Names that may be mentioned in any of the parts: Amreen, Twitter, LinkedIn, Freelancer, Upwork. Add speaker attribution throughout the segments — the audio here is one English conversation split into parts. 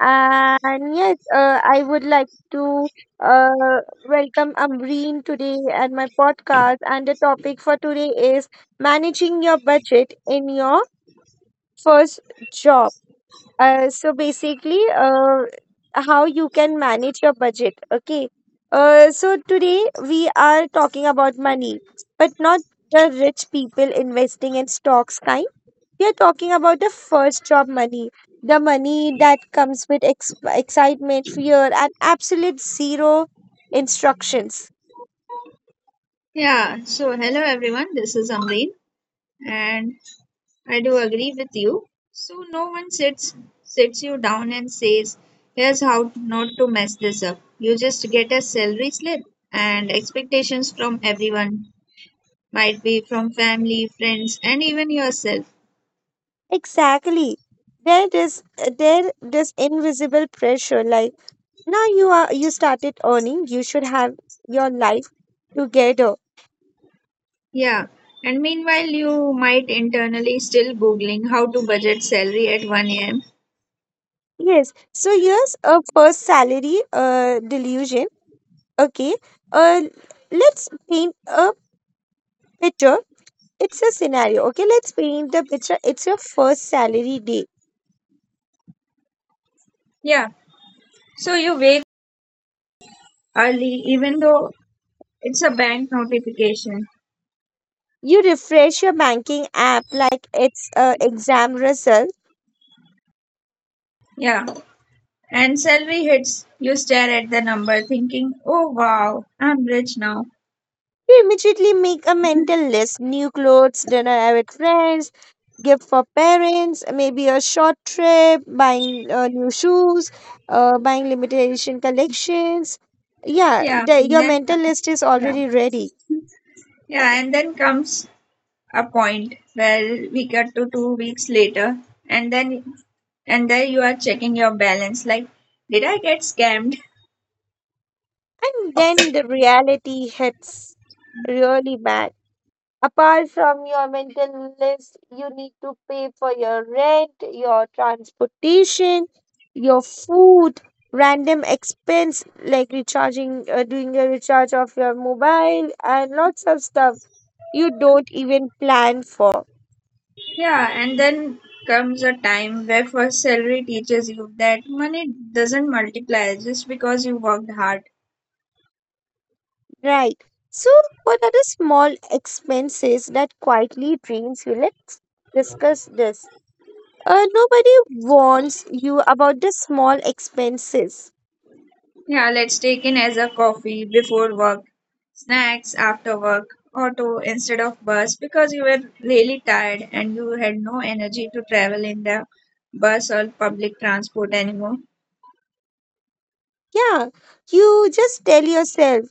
Speaker 1: And yes, I would like to uh, welcome Amreen today at my podcast. And the topic for today is managing your budget in your first job. So basically, how you can manage your budget. Okay. So today we are talking about money, but not the rich people investing in stocks kind, we are talking about the first job money, the money that comes with excitement, fear, and absolute zero instructions.
Speaker 2: Yeah, so hello everyone, this is Amreen and I do agree with you. So no one sits you down and says, here's how not to mess this up. You just get a salary slip and expectations from everyone, might be from family, friends and even yourself.
Speaker 1: Exactly. There is there this invisible pressure. Like now you started earning, you should have your life together.
Speaker 2: Yeah. And meanwhile you might internally still googling how to budget salary at 1 a.m.
Speaker 1: Yes. So here's a first salary delusion. Okay. Uh, let's paint a picture. It's a scenario. Okay. Let's paint the picture. It's your first salary day.
Speaker 2: Yeah. So you wake early even though it's a bank notification.
Speaker 1: You refresh your banking app like it's a exam result.
Speaker 2: Yeah. And salary hits, you stare at the number thinking, oh wow, I'm rich now.
Speaker 1: You immediately make a mental list: new clothes, dinner with friends, gift for parents, maybe a short trip, buying new shoes, buying limited edition collections. Yeah,
Speaker 2: Yeah,
Speaker 1: your mental list is
Speaker 2: yeah,
Speaker 1: already ready,
Speaker 2: yeah, and then comes a point where we get to 2 weeks later, and then, and there you are checking your balance like, did I get scammed?
Speaker 1: and then the reality hits really bad. Apart from your mental list, you need to pay for your rent, your transportation, your food, random expense like recharging, doing a recharge of your mobile, and lots of stuff you don't even plan for,
Speaker 2: Yeah, and then comes a time where first salary teaches you that money doesn't multiply just because you worked hard.
Speaker 1: right? So, what are the small expenses that quietly drains you? Let's discuss this. Nobody warns you about the small expenses.
Speaker 2: Yeah, let's take in as a coffee before work, snacks after work, auto instead of bus because you were really tired and you had no energy to travel in the bus or public transport anymore.
Speaker 1: Yeah, you just tell yourself,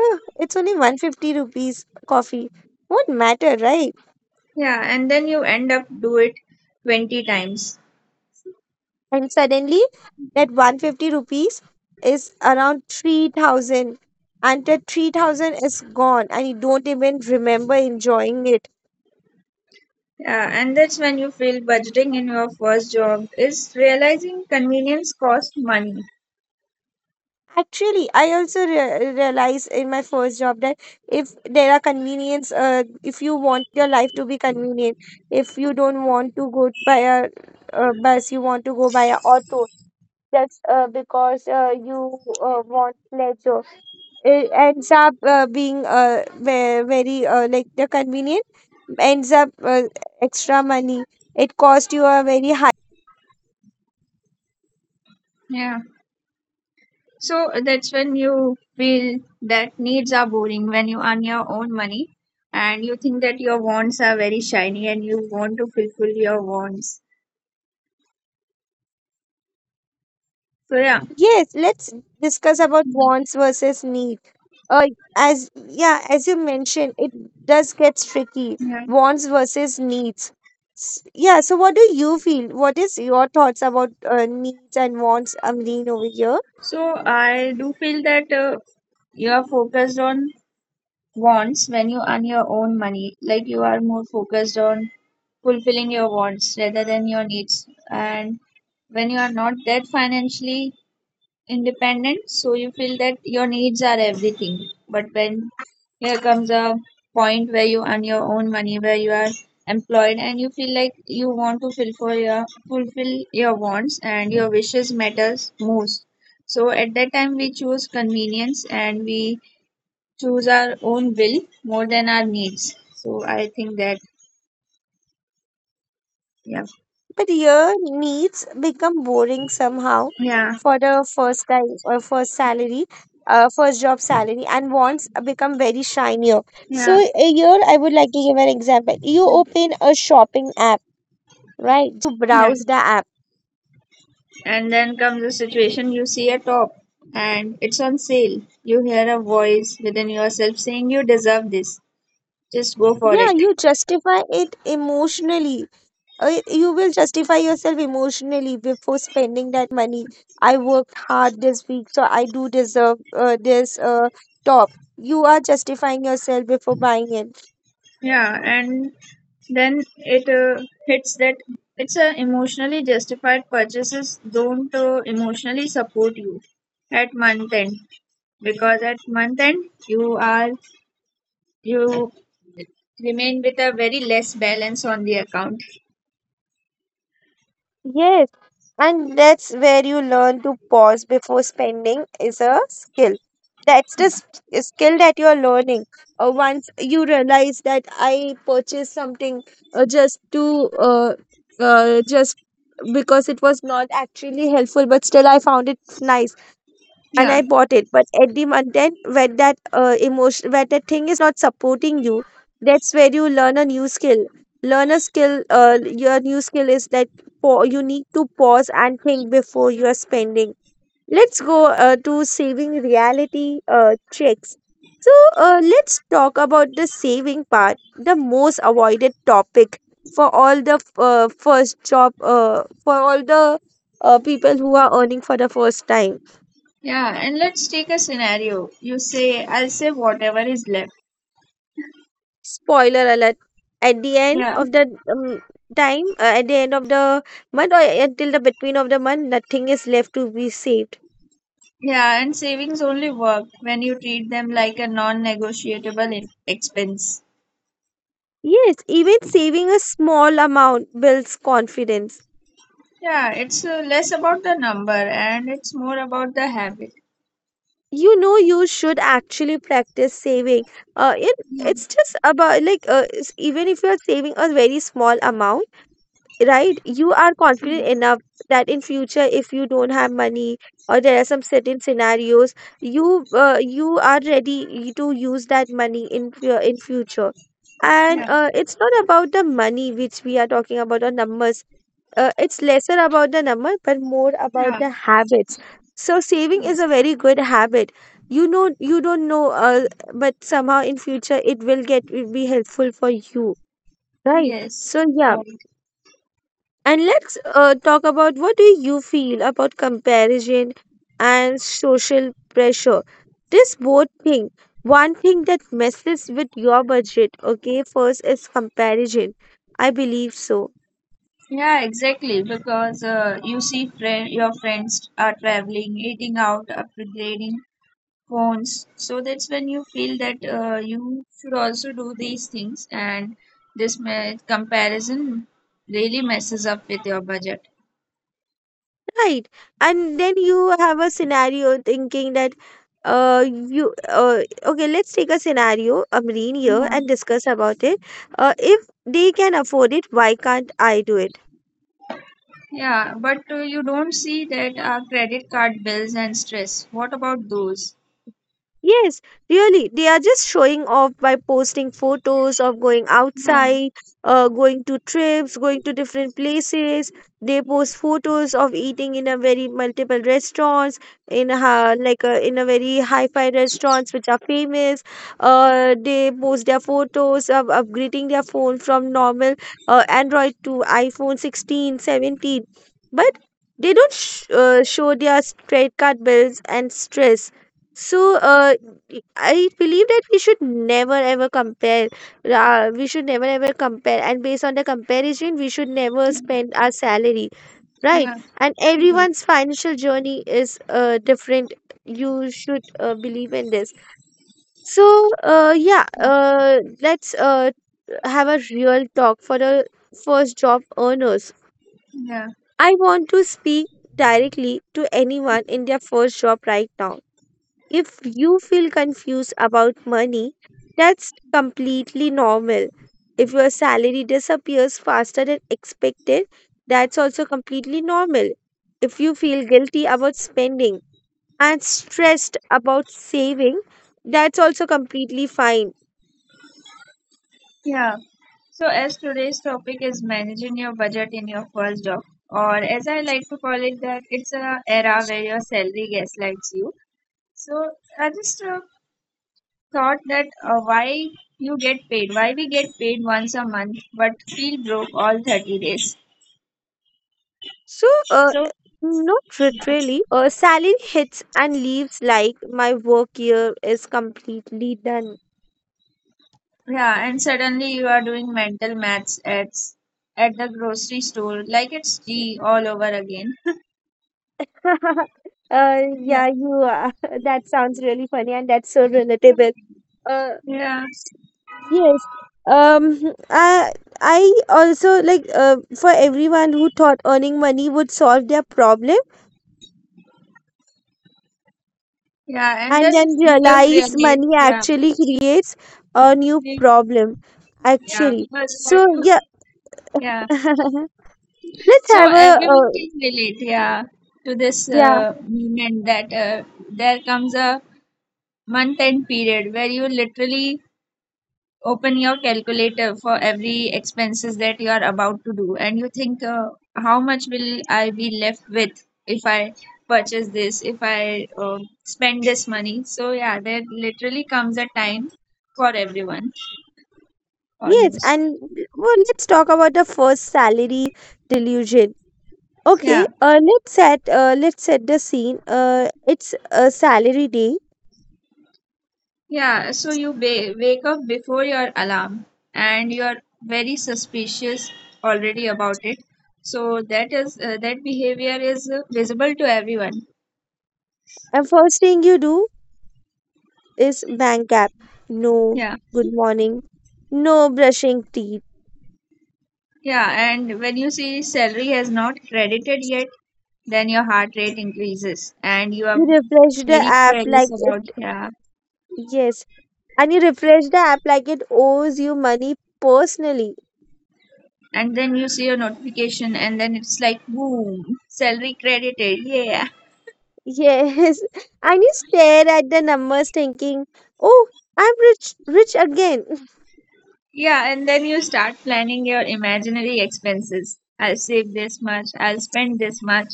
Speaker 1: "Ah, it's only 150 rupees coffee. Won't matter, right?"
Speaker 2: Yeah, and then you end up do it 20 times.
Speaker 1: And suddenly that 150 rupees is around 3,000, and that 3,000 is gone and you don't even remember enjoying it.
Speaker 2: Yeah, and that's when you feel budgeting in your first job is realizing convenience cost money.
Speaker 1: Actually, I also realized in my first job that if there are convenience, if you want your life to be convenient, if you don't want to go by a bus, you want to go by a auto just because you want pleasure, it ends up being ve- very like the convenient ends up extra money, it cost you a very high.
Speaker 2: Yeah. So that's when you feel that needs are boring when you earn your own money, and you think that your wants are very shiny and you want to fulfill your wants. So yeah.
Speaker 1: Yes, let's discuss about
Speaker 2: Mm,
Speaker 1: wants versus need. Uh as Yeah, as you mentioned, it does get tricky,
Speaker 2: yeah.
Speaker 1: wants versus needs. Yeah, so what do you feel, what is your thoughts about needs and wants, Amreen, over here?
Speaker 2: So I do feel that you are focused on wants when you earn your own money. Like you are more focused on fulfilling your wants rather than your needs. And when you are not that financially independent, so you feel that your needs are everything, but when here comes a point where you earn your own money, where you are employed, and you feel like you want to fulfill your wants and your wishes matters most, so at that time we choose convenience and we choose our own will more than our needs. So I think that. Yeah,
Speaker 1: But your needs become boring somehow
Speaker 2: yeah,
Speaker 1: for the first time or first salary, first job salary, and wants become very shinier. So
Speaker 2: yeah,
Speaker 1: a year, I would like to give an example. You open a shopping app, right,
Speaker 2: yeah.
Speaker 1: browse the app.
Speaker 2: And then comes a situation, you see a top and it's on sale. You hear a voice within yourself saying you deserve this. Just go for
Speaker 1: Yeah,
Speaker 2: it.
Speaker 1: you justify it emotionally. You will justify yourself emotionally before spending that money. I worked hard this week, so I do deserve this top. You are justifying yourself before buying it.
Speaker 2: Yeah, and then it hits that it's a emotionally justified purchases don't emotionally support you at month end, because at month end you are you remain with a very less balance on the account.
Speaker 1: Yes, and that's where you learn to pause before spending is a skill. That's the skill that you're learning. Once you realize that I purchased something uh, just to uh, just because it was not actually helpful, but still I found it nice and
Speaker 2: Yeah.
Speaker 1: I bought it. But at the month end, when that emotion, when that thing is not supporting you, that's where you learn a new skill. Learn a skill. Your new skill is that for you need to pause and think before you are spending. Let's go to saving reality tricks. So let's talk about the saving part, the most avoided topic for all the first job, for all the people who are earning for the first time.
Speaker 2: Yeah, and let's take a scenario. You say, I'll save whatever is left.
Speaker 1: Spoiler alert, at the end
Speaker 2: Yeah.
Speaker 1: of the um, time at the end of the month, or until the between of the month, nothing is left to be saved.
Speaker 2: Yeah, and savings only work when you treat them like a non-negotiable expense.
Speaker 1: Yes, even saving a small amount builds confidence,
Speaker 2: Yeah, it's less about the number and it's more about the habit.
Speaker 1: you know. You should actually practice saving. uh it,
Speaker 2: Yeah.
Speaker 1: it's just about, like, even if you're saving a very small amount, right, you are
Speaker 2: Yeah.
Speaker 1: confident enough that in future if you don't have money or there are some certain scenarios, you you are ready to use that money in in future. And
Speaker 2: Yeah.
Speaker 1: it's not about the money which we are talking about or numbers, it's lesser about the number but more about
Speaker 2: Yeah.
Speaker 1: the habits. So saving is a
Speaker 2: Yes.
Speaker 1: very good habit, you know. You don't know, but somehow in future it will get will be helpful for you, right?
Speaker 2: Yes.
Speaker 1: So yeah,
Speaker 2: Right.
Speaker 1: and let's talk about what do you feel about comparison and social pressure. This both thing, one thing that messes with your budget, okay, first is comparison. I believe so,
Speaker 2: Yeah, exactly. Because you see, friend, your friends are traveling, eating out, upgrading, phones. So that's when you feel that you should also do these things, and this comparison really messes up with your budget.
Speaker 1: right? And then you have a scenario thinking that you okay, let's take a scenario, Amreen, here
Speaker 2: Yeah,
Speaker 1: and discuss about it. If they can afford it, why can't I do it?
Speaker 2: yeah, but you don't see that our credit card bills and stress. What about those?
Speaker 1: Yes, really. They are just showing off by posting photos of going
Speaker 2: Yeah,
Speaker 1: outside, going to trips, going to different places. They post photos of eating in a very multiple restaurants, in a, in a very hi-fi restaurants which are famous. They post their photos of upgrading their phone from normal Android to iPhone 16, 17. But they don't show their credit card bills and stress. So, I believe that we should never ever compare. We should never ever compare, and based on the comparison, we should never spend our salary, right?
Speaker 2: yeah,
Speaker 1: And everyone's financial journey is different. You should believe in this. So, yeah,
Speaker 2: yeah,
Speaker 1: let's have a real talk for the first job earners.
Speaker 2: yeah.
Speaker 1: I want to speak directly to anyone in their first job right now. If you feel confused about money, that's completely normal. If your salary disappears faster than expected, that's also completely normal. If you feel guilty about spending and stressed about saving, that's also completely fine.
Speaker 2: Yeah. So, as today's topic is managing your budget in your first job, or as I like to call it, that it's a era where your salary gaslights you. So, I just thought that why we get paid once a month but feel broke all 30 days.
Speaker 1: So,
Speaker 2: So,
Speaker 1: not literally, salary hits and leaves like my work year is completely done.
Speaker 2: yeah, and suddenly you are doing mental maths at the grocery store like it's G all over again.
Speaker 1: uh,
Speaker 2: Yeah.
Speaker 1: yeah, you are. That sounds really funny, and that's so relatable. Uh,
Speaker 2: Yeah,
Speaker 1: yes. Um, I I also like, for everyone who thought earning money would solve their problem,
Speaker 2: yeah, and
Speaker 1: and then
Speaker 2: then we have
Speaker 1: realize money
Speaker 2: realized, yeah,
Speaker 1: actually creates a new
Speaker 2: we,
Speaker 1: problem.
Speaker 2: yeah,
Speaker 1: Actually,
Speaker 2: because we have
Speaker 1: so
Speaker 2: to,
Speaker 1: yeah,
Speaker 2: yeah.
Speaker 1: let's
Speaker 2: So
Speaker 1: have a
Speaker 2: everyone
Speaker 1: uh,
Speaker 2: can relate, yeah, to this
Speaker 1: yeah
Speaker 2: moment that there comes a month-end period where you literally open your calculator for every expenses that you are about to do, and you think, how much will I be left with if I purchase this, if I spend this money? So yeah, there literally comes a time for everyone
Speaker 1: yes,
Speaker 2: almost.
Speaker 1: and well, let's talk about the first salary delusion. Okay,
Speaker 2: Yeah,
Speaker 1: let's set the scene. It's a salary day,
Speaker 2: yeah. So you wake up before your alarm, and you are very suspicious already about it. So that behavior is visible to everyone.
Speaker 1: and first thing you do is bank app. No,
Speaker 2: Yeah.
Speaker 1: good morning. No brushing teeth.
Speaker 2: Yeah, and when you see salary has not credited yet, then your heart rate increases and you
Speaker 1: You
Speaker 2: are
Speaker 1: refresh the
Speaker 2: very
Speaker 1: app like
Speaker 2: curious about.
Speaker 1: it.
Speaker 2: Yeah.
Speaker 1: Yes, and you refresh the app like it owes you money personally.
Speaker 2: And then you see your notification and then it's like boom, salary credited. Yeah.
Speaker 1: Yes, and you stare at the numbers thinking, "Oh, I'm rich, rich again."
Speaker 2: Yeah, and then you start planning your imaginary expenses. I'll save this much, I'll spend this much.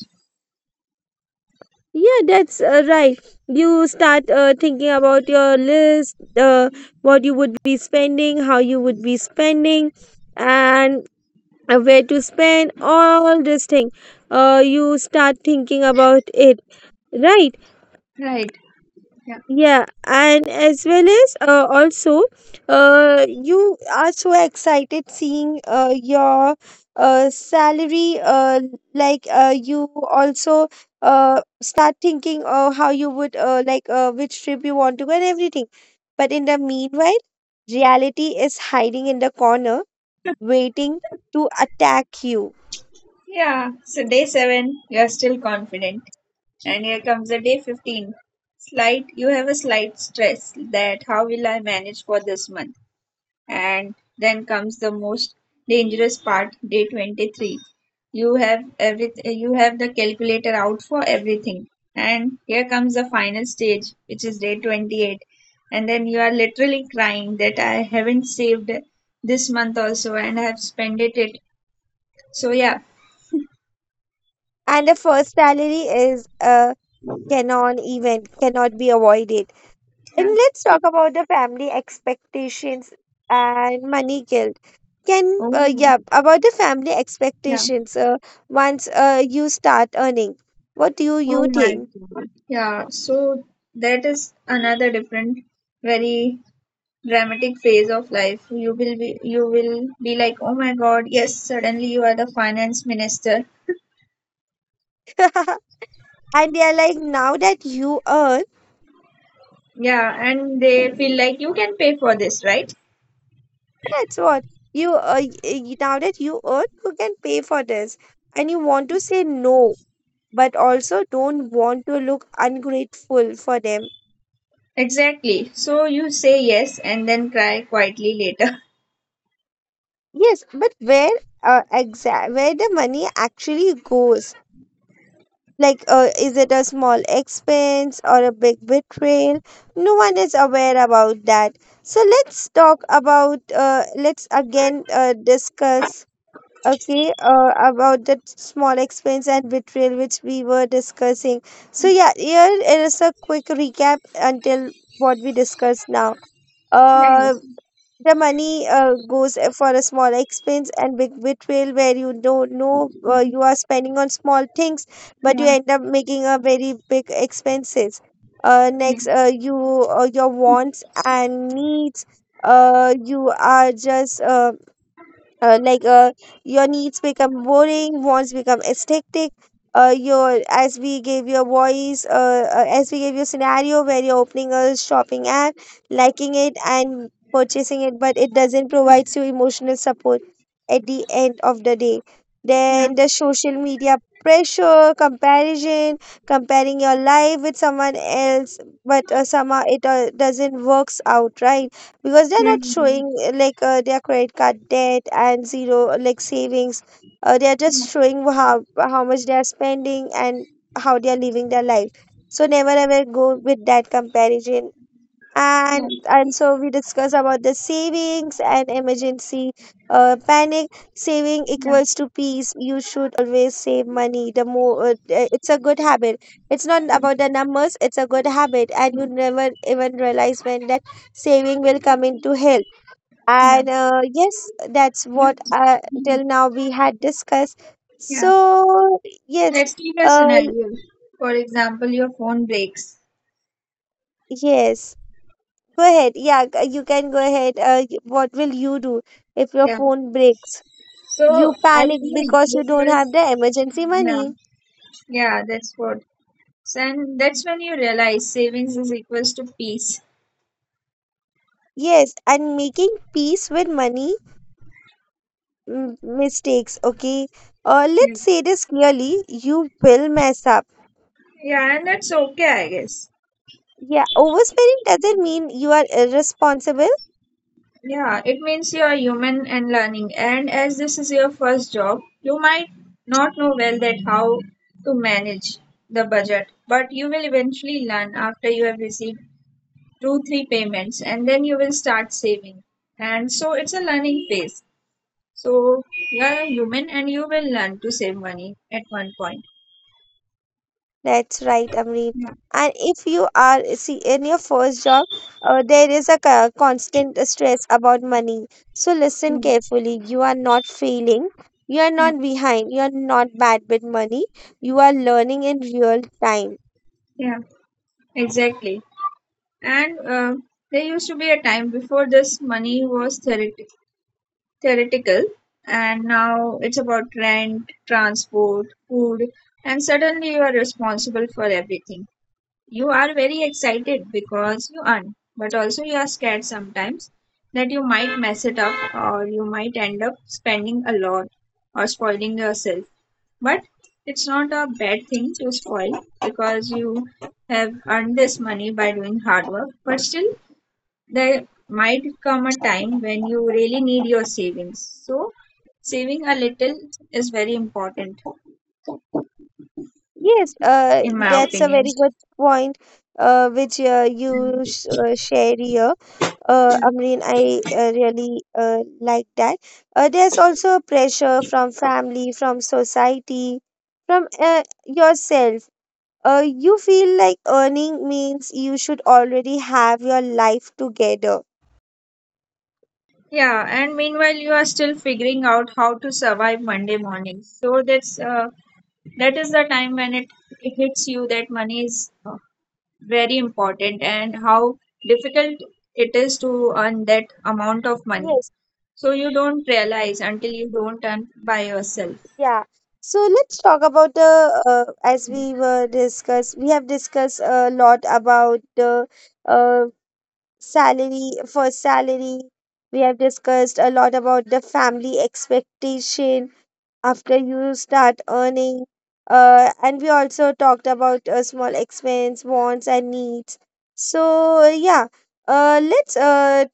Speaker 1: Yeah, that's right. You start thinking about your list, what you would be spending, how you would be spending, and where to spend all this thing. You start thinking about it, right?
Speaker 2: Right. Yeah.
Speaker 1: Yeah, and as well as also, you are so excited seeing your salary. You also start thinking how you would like which trip you want to go and everything. But in the meanwhile, reality is hiding in the corner, waiting to attack you.
Speaker 2: Yeah. So day seven, you're still confident. And here comes the day 15. You have a slight stress that how will I manage for this month? And then comes the most dangerous part, day 23. You have everything, you have the calculator out for everything. And here comes the final stage, which is day 28. And then you are literally crying that I haven't saved this month also and I have spent it. So yeah.
Speaker 1: And the first salary is cannot be avoided. And
Speaker 2: Yeah.
Speaker 1: let's talk about the family expectations and money guilt. Can
Speaker 2: Oh,
Speaker 1: yeah about the family
Speaker 2: yeah.
Speaker 1: expectations. Once you start earning, what do you
Speaker 2: Oh my
Speaker 1: think?
Speaker 2: God. Yeah, so that is another different, very dramatic phase of life. You will be like, oh my God, yes, suddenly you are the finance minister.
Speaker 1: And they are like, now that you earn,
Speaker 2: Yeah, and they feel like you can pay for this, right?
Speaker 1: that's what you now that you earn, you can pay for this, and you want to say no, but also don't want to look ungrateful for them.
Speaker 2: Exactly. So you say yes and then cry quietly later.
Speaker 1: Yes, but where exact where the money actually goes. Like, is it a small expense or a big betrayal? No one is aware about that. So let's talk about, let's again discuss, okay, about that small expense and betrayal which we were discussing. So yeah, here is a quick recap until what we discussed now. Uh,
Speaker 2: Yes.
Speaker 1: the money goes for a small expense and big betrayal where you don't know you are spending on small things, but you
Speaker 2: Yeah.
Speaker 1: end up making a very big expenses. Uh,
Speaker 2: Yeah.
Speaker 1: next, uh, you your wants and needs. You are just uh, like uh, your needs become boring, wants become aesthetic, your as we gave your voice as we gave your scenario where you're opening a shopping app, liking it and purchasing it, but it doesn't provide you emotional support at the end of the day.
Speaker 2: Yeah.
Speaker 1: Then the social media pressure, comparison, comparing your life with someone else, but somehow it doesn't works out, right? Because they're
Speaker 2: Yeah. Yeah.
Speaker 1: not
Speaker 2: Yeah.
Speaker 1: showing their credit card debt and zero savings. They're just showing how much they are spending and how they are living their life. So never ever go with that comparison and so we discuss about the savings and emergency panic. Saving equals to peace. You should always save money. The more it's a good habit. It's not about the numbers, it's a good habit, and
Speaker 2: Yeah.
Speaker 1: you never even realize when that saving will come into help.
Speaker 2: Yeah.
Speaker 1: And yes, that's
Speaker 2: Yeah.
Speaker 1: what
Speaker 2: Yeah.
Speaker 1: till now we had discussed.
Speaker 2: Yeah.
Speaker 1: So yes,
Speaker 2: Let's take a
Speaker 1: uh,
Speaker 2: scenario. For example, your phone breaks.
Speaker 1: yes. Go ahead. Yeah, you can go ahead. What will you do if your
Speaker 2: Yeah.
Speaker 1: phone breaks? You
Speaker 2: So I
Speaker 1: panic
Speaker 2: think,
Speaker 1: because you don't have
Speaker 2: because
Speaker 1: the emergency
Speaker 2: yeah,
Speaker 1: money.
Speaker 2: yeah, that's what. So, and that's when you realize savings is equals to peace.
Speaker 1: Yes, and making peace with money mistakes, okay?
Speaker 2: Yeah.
Speaker 1: Let's say this clearly, you will mess up.
Speaker 2: Yeah, and that's okay, I guess.
Speaker 1: Yeah, overspending doesn't mean you are irresponsible.
Speaker 2: Yeah, it means you are human and learning. And as this is your first job, you might not know well that how to manage the budget, but you will eventually learn after you have received 2-3 payments, and then you will start saving. And so it's a learning phase, so you are a human and you will learn to save money at one point.
Speaker 1: That's right, Amreen.
Speaker 2: Yeah.
Speaker 1: And if you are see in your first job, there is a constant stress about money. So listen
Speaker 2: Hmm.
Speaker 1: carefully. You are not failing. You are
Speaker 2: Yeah,
Speaker 1: not behind. You are not bad with money. You are learning in real time.
Speaker 2: yeah, exactly. And there used to be a time before this money was theoretical, and now it's about rent, transport, food, and suddenly you are responsible for everything. You are very excited because you earn, but also you are scared sometimes that you might mess it up or you might end up spending a lot or spoiling yourself. But it's not a bad thing to spoil, because you have earned this money by doing hard work. But still, there might come a time when you really need your savings. So, saving a little is very important,
Speaker 1: Yes,
Speaker 2: in my
Speaker 1: that's a very
Speaker 2: opinion.
Speaker 1: good point, which you share here. Amreen, I really like that. There's also pressure from family, from society, from yourself. You feel like earning means you should already have your life together.
Speaker 2: Yeah, and meanwhile you are still figuring out how to survive Monday morning. So that is the time when it hits you that money is very important and how difficult it is to earn that amount of money.
Speaker 1: Yes,
Speaker 2: So you don't realize until you don't earn by yourself.
Speaker 1: yeah. So let's talk about the as we were discussed. We have discussed a lot about the uh, salary for salary. We have discussed a lot about the family expectation after you start earning. And we also talked about small expense, wants, and needs. So yeah, let's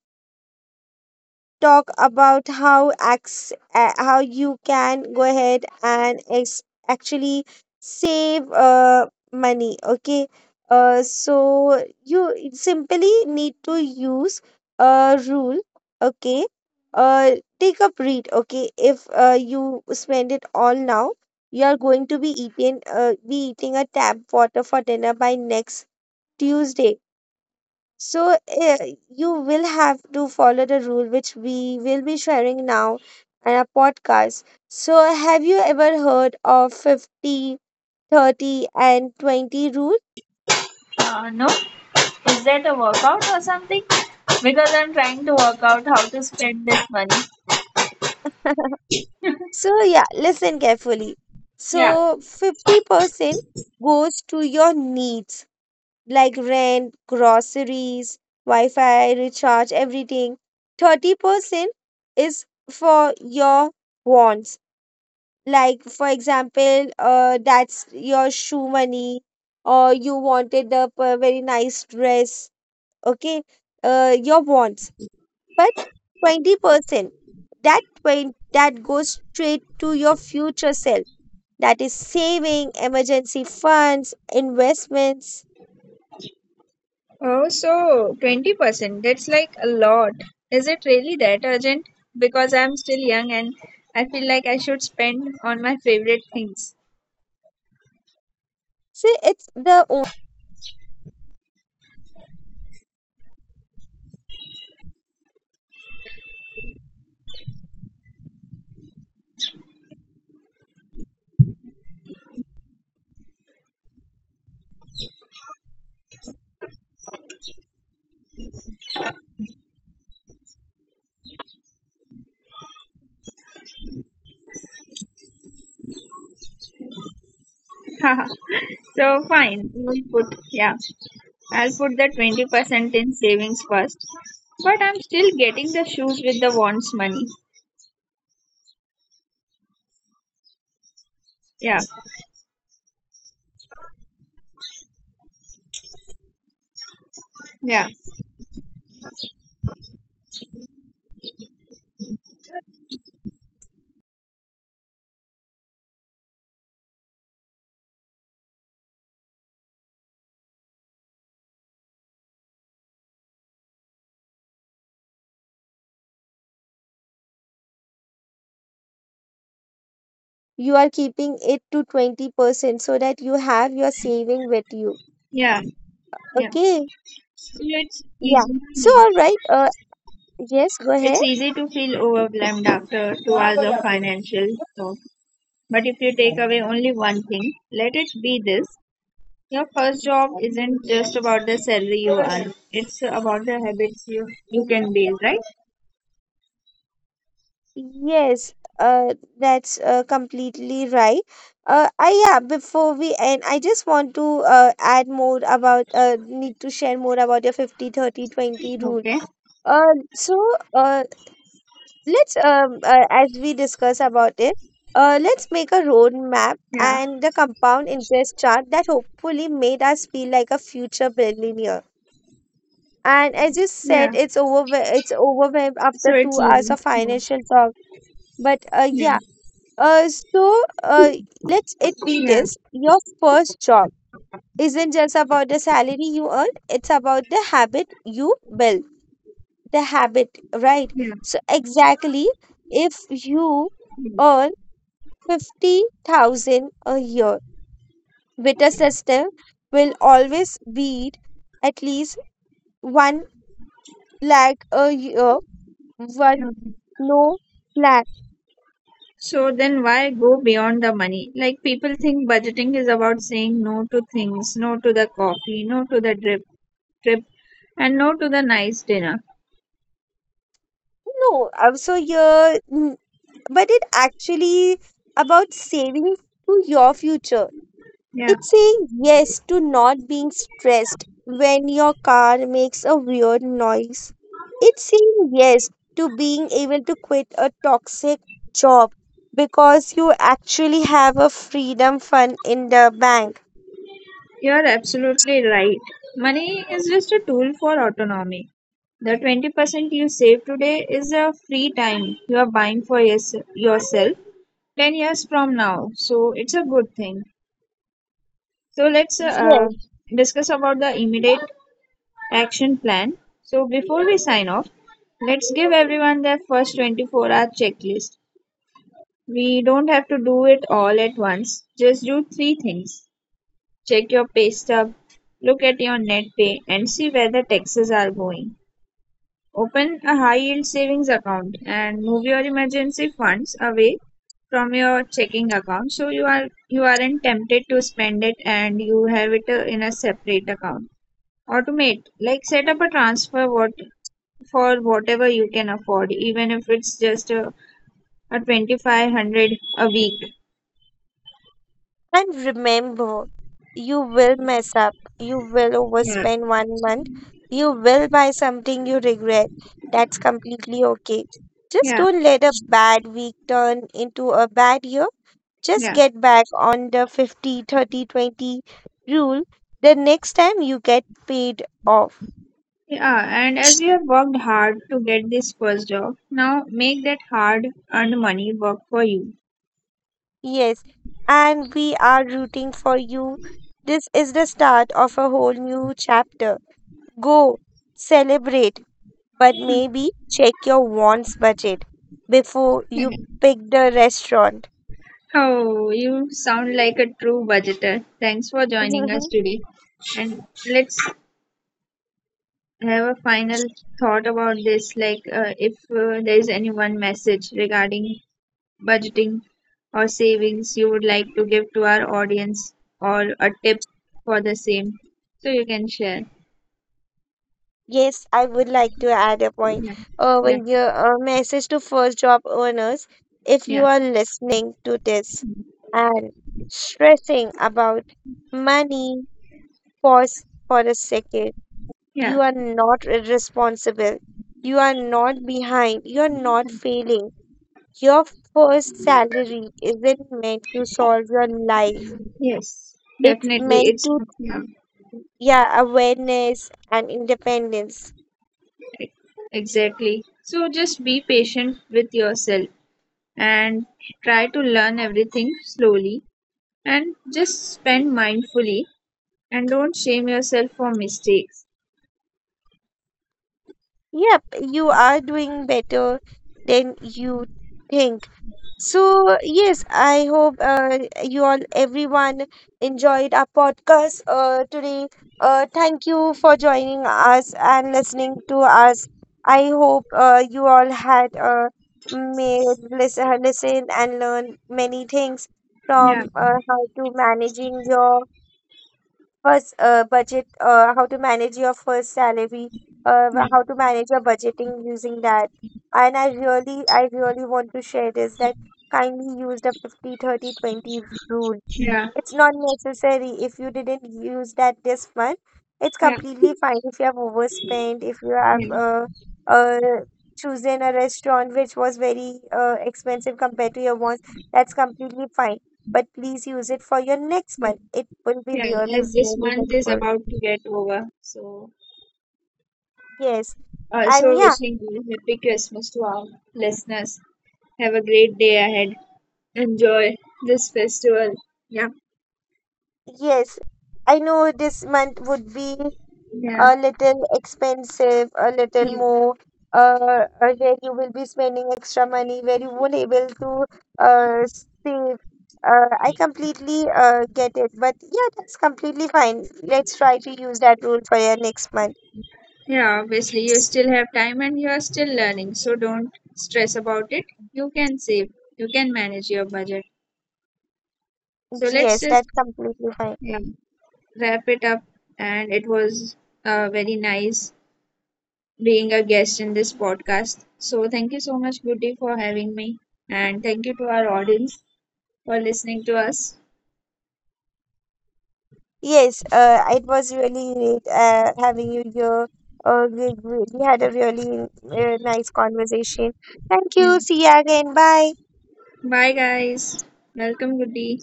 Speaker 1: talk about how you can go ahead and actually save money. Okay, so you simply need to use a rule. Okay, uh, take a breath. Okay, if you spend it all now, you are going to be eating a tap water for dinner by next Tuesday. So you will have to follow the rule which we will be sharing now in a podcast. So have you ever heard of 50, 30, and 20 rule?
Speaker 2: No, is that a workout or something? Because I'm trying to work out how to spend this money.
Speaker 1: So yeah, listen carefully.
Speaker 2: Yeah.
Speaker 1: So 50% goes to your needs like rent, groceries, Wi Fi, recharge, everything. 30% is for your wants. Like, for example, that's your shoe money, or you wanted a very nice dress, okay? Your wants. But 20%, that 20, that goes straight to your future self. That is saving, emergency funds, investments.
Speaker 2: Oh, so 20%, that's like a lot. Is it really that urgent? Because I'm still young and I feel like I should spend on my favorite things.
Speaker 1: See, it's the
Speaker 2: So fine, yeah, I'll put the 20% in savings first. But I'm still getting the shoes with the wants money. Yeah, yeah,
Speaker 1: you are keeping it to 20% so that you have your saving with you.
Speaker 2: yeah, yeah.
Speaker 1: Okay.
Speaker 2: So it's
Speaker 1: Yeah.
Speaker 2: easy.
Speaker 1: So,
Speaker 2: Yeah.
Speaker 1: all right. Yes, go
Speaker 2: It's
Speaker 1: ahead.
Speaker 2: easy to feel overwhelmed after 2 hours of financial. So But if you take away only one thing, let it be this. Your first job isn't just about the salary you earn. It's about the habits you can build, right?
Speaker 1: Yes. That's completely right. I, yeah, before we end, I just want to need to share more about your 50 30 20 rule.
Speaker 2: Okay.
Speaker 1: Uh, so, uh, let's as we discuss about it let's make a road map
Speaker 2: Yeah,
Speaker 1: and the compound interest chart that hopefully made us feel like a future billionaire. And as you said,
Speaker 2: yeah.
Speaker 1: it's overwhelmed after
Speaker 2: So it's
Speaker 1: 2 hours
Speaker 2: easy.
Speaker 1: of
Speaker 2: Yeah.
Speaker 1: financial talk. But
Speaker 2: Yeah.
Speaker 1: yeah, uh, so uh, let's it be.
Speaker 2: Yeah,
Speaker 1: This your first job isn't just about the salary you earn, it's about the habit you build, the habit, right?
Speaker 2: yeah.
Speaker 1: So, exactly, if you
Speaker 2: Yeah.
Speaker 1: earn 50,000 a year with a system, will always beat at least 1 lakh a year, one
Speaker 2: Okay.
Speaker 1: no lakh.
Speaker 2: So then why go beyond the money? Like people think budgeting is about saying no to things, no to the coffee, no to the drip trip, and no to the nice dinner.
Speaker 1: No, so yeah, but it actually about saving to your future.
Speaker 2: Yeah,
Speaker 1: It's saying yes to not being stressed when your car makes a weird noise. It's saying yes to being able to quit a toxic job because you actually have a freedom fund in the bank.
Speaker 2: you're absolutely right. Money is just a tool for autonomy. The 20% you save today is a free time you are buying for yourself 10 years from now. So it's a good thing. So let's
Speaker 1: Yes,
Speaker 2: discuss about the immediate action plan. So before we sign off, let's give everyone their first 24-hour checklist. We don't have to do it all at once, just do three things. Check your pay stub, look at your net pay, and see where the taxes are going. Open a high yield savings account and move your emergency funds away from your checking account so you aren't tempted to spend it and you have it in a separate account. Automate, like set up a transfer what for whatever you can afford, even if it's just a 2,500 a week.
Speaker 1: and remember, you will mess up, you will
Speaker 2: Yeah,
Speaker 1: overspend one month, you will buy something you regret. That's completely okay. Just
Speaker 2: yeah,
Speaker 1: don't let a bad week turn into a bad year. Just
Speaker 2: yeah.
Speaker 1: get back on the 50 30 20 rule the next time you get paid off.
Speaker 2: Yeah, and as you have worked hard to get this first job, now make that hard earned money work for you.
Speaker 1: Yes, and we are rooting for you. This is the start of a whole new chapter. Go celebrate, but maybe check your wants budget before you pick the restaurant.
Speaker 2: Oh, you sound like a true budgeter. Thanks for joining us today. And let's have a final thought about this, like if there is any one message regarding budgeting or savings you would like to give to our audience or a tip for the same, so you can share.
Speaker 1: Yes, I would like to add a point
Speaker 2: Yeah,
Speaker 1: over
Speaker 2: yeah,
Speaker 1: here. A message to first job owners. If you
Speaker 2: yeah,
Speaker 1: are listening to this and stressing about money, pause for a second.
Speaker 2: yeah.
Speaker 1: You are not irresponsible. You are not behind. You are not failing. Your first salary isn't meant to solve your life.
Speaker 2: Yes,
Speaker 1: It's
Speaker 2: definitely.
Speaker 1: meant
Speaker 2: It's
Speaker 1: to,
Speaker 2: Yeah,
Speaker 1: yeah, awareness and independence.
Speaker 2: e- exactly. So just be patient with yourself and try to learn everything slowly, and just spend mindfully and don't shame yourself for mistakes.
Speaker 1: Yep, you are doing better than you think. So, yes, I hope you all, everyone, enjoyed our podcast today. Thank you for joining us and listening to us. I hope you all had made listen and learn many things
Speaker 2: Yeah,
Speaker 1: from how to managing your first budget, how to manage your first salary,
Speaker 2: yeah,
Speaker 1: how to manage your budgeting using that. And I really want to share this, that kindly use the 50 30 20 rule.
Speaker 2: yeah,
Speaker 1: It's not necessary if you didn't use that this month. It's
Speaker 2: yeah,
Speaker 1: completely fine if you have overspent, if you have
Speaker 2: yeah,
Speaker 1: uh, chosen a restaurant which was very expensive compared to your wants. That's completely fine. But please use it for your next
Speaker 2: yeah.
Speaker 1: month. It will be
Speaker 2: Yeah.
Speaker 1: really,
Speaker 2: As this
Speaker 1: really
Speaker 2: month is
Speaker 1: helpful.
Speaker 2: about to get over, so
Speaker 1: Yes.
Speaker 2: also
Speaker 1: And yeah,
Speaker 2: wishing you a happy Christmas to our listeners. Have a great day ahead. Enjoy this festival. Yeah,
Speaker 1: yes. I know this month would be
Speaker 2: yeah.
Speaker 1: a little expensive, a little
Speaker 2: Yeah,
Speaker 1: more, where you will be spending extra money, where you won't able to uh, save. I completely get it, but yeah, that's completely fine. Let's try to use that rule for your next month.
Speaker 2: yeah, obviously, you still have time and you are still learning, so don't stress about it. You can save, you can manage your budget. So let's
Speaker 1: Yes,
Speaker 2: just,
Speaker 1: that's completely fine.
Speaker 2: yeah, wrap it up. And it was very nice being a guest in this podcast. So thank you so much, Beauty, for having me. And thank you to our audience for listening to us.
Speaker 1: Yes, it was really great having you here. We had a really nice conversation. Thank
Speaker 2: Yeah.
Speaker 1: you. See you again. Bye.
Speaker 2: Bye, guys. Welcome, Goody.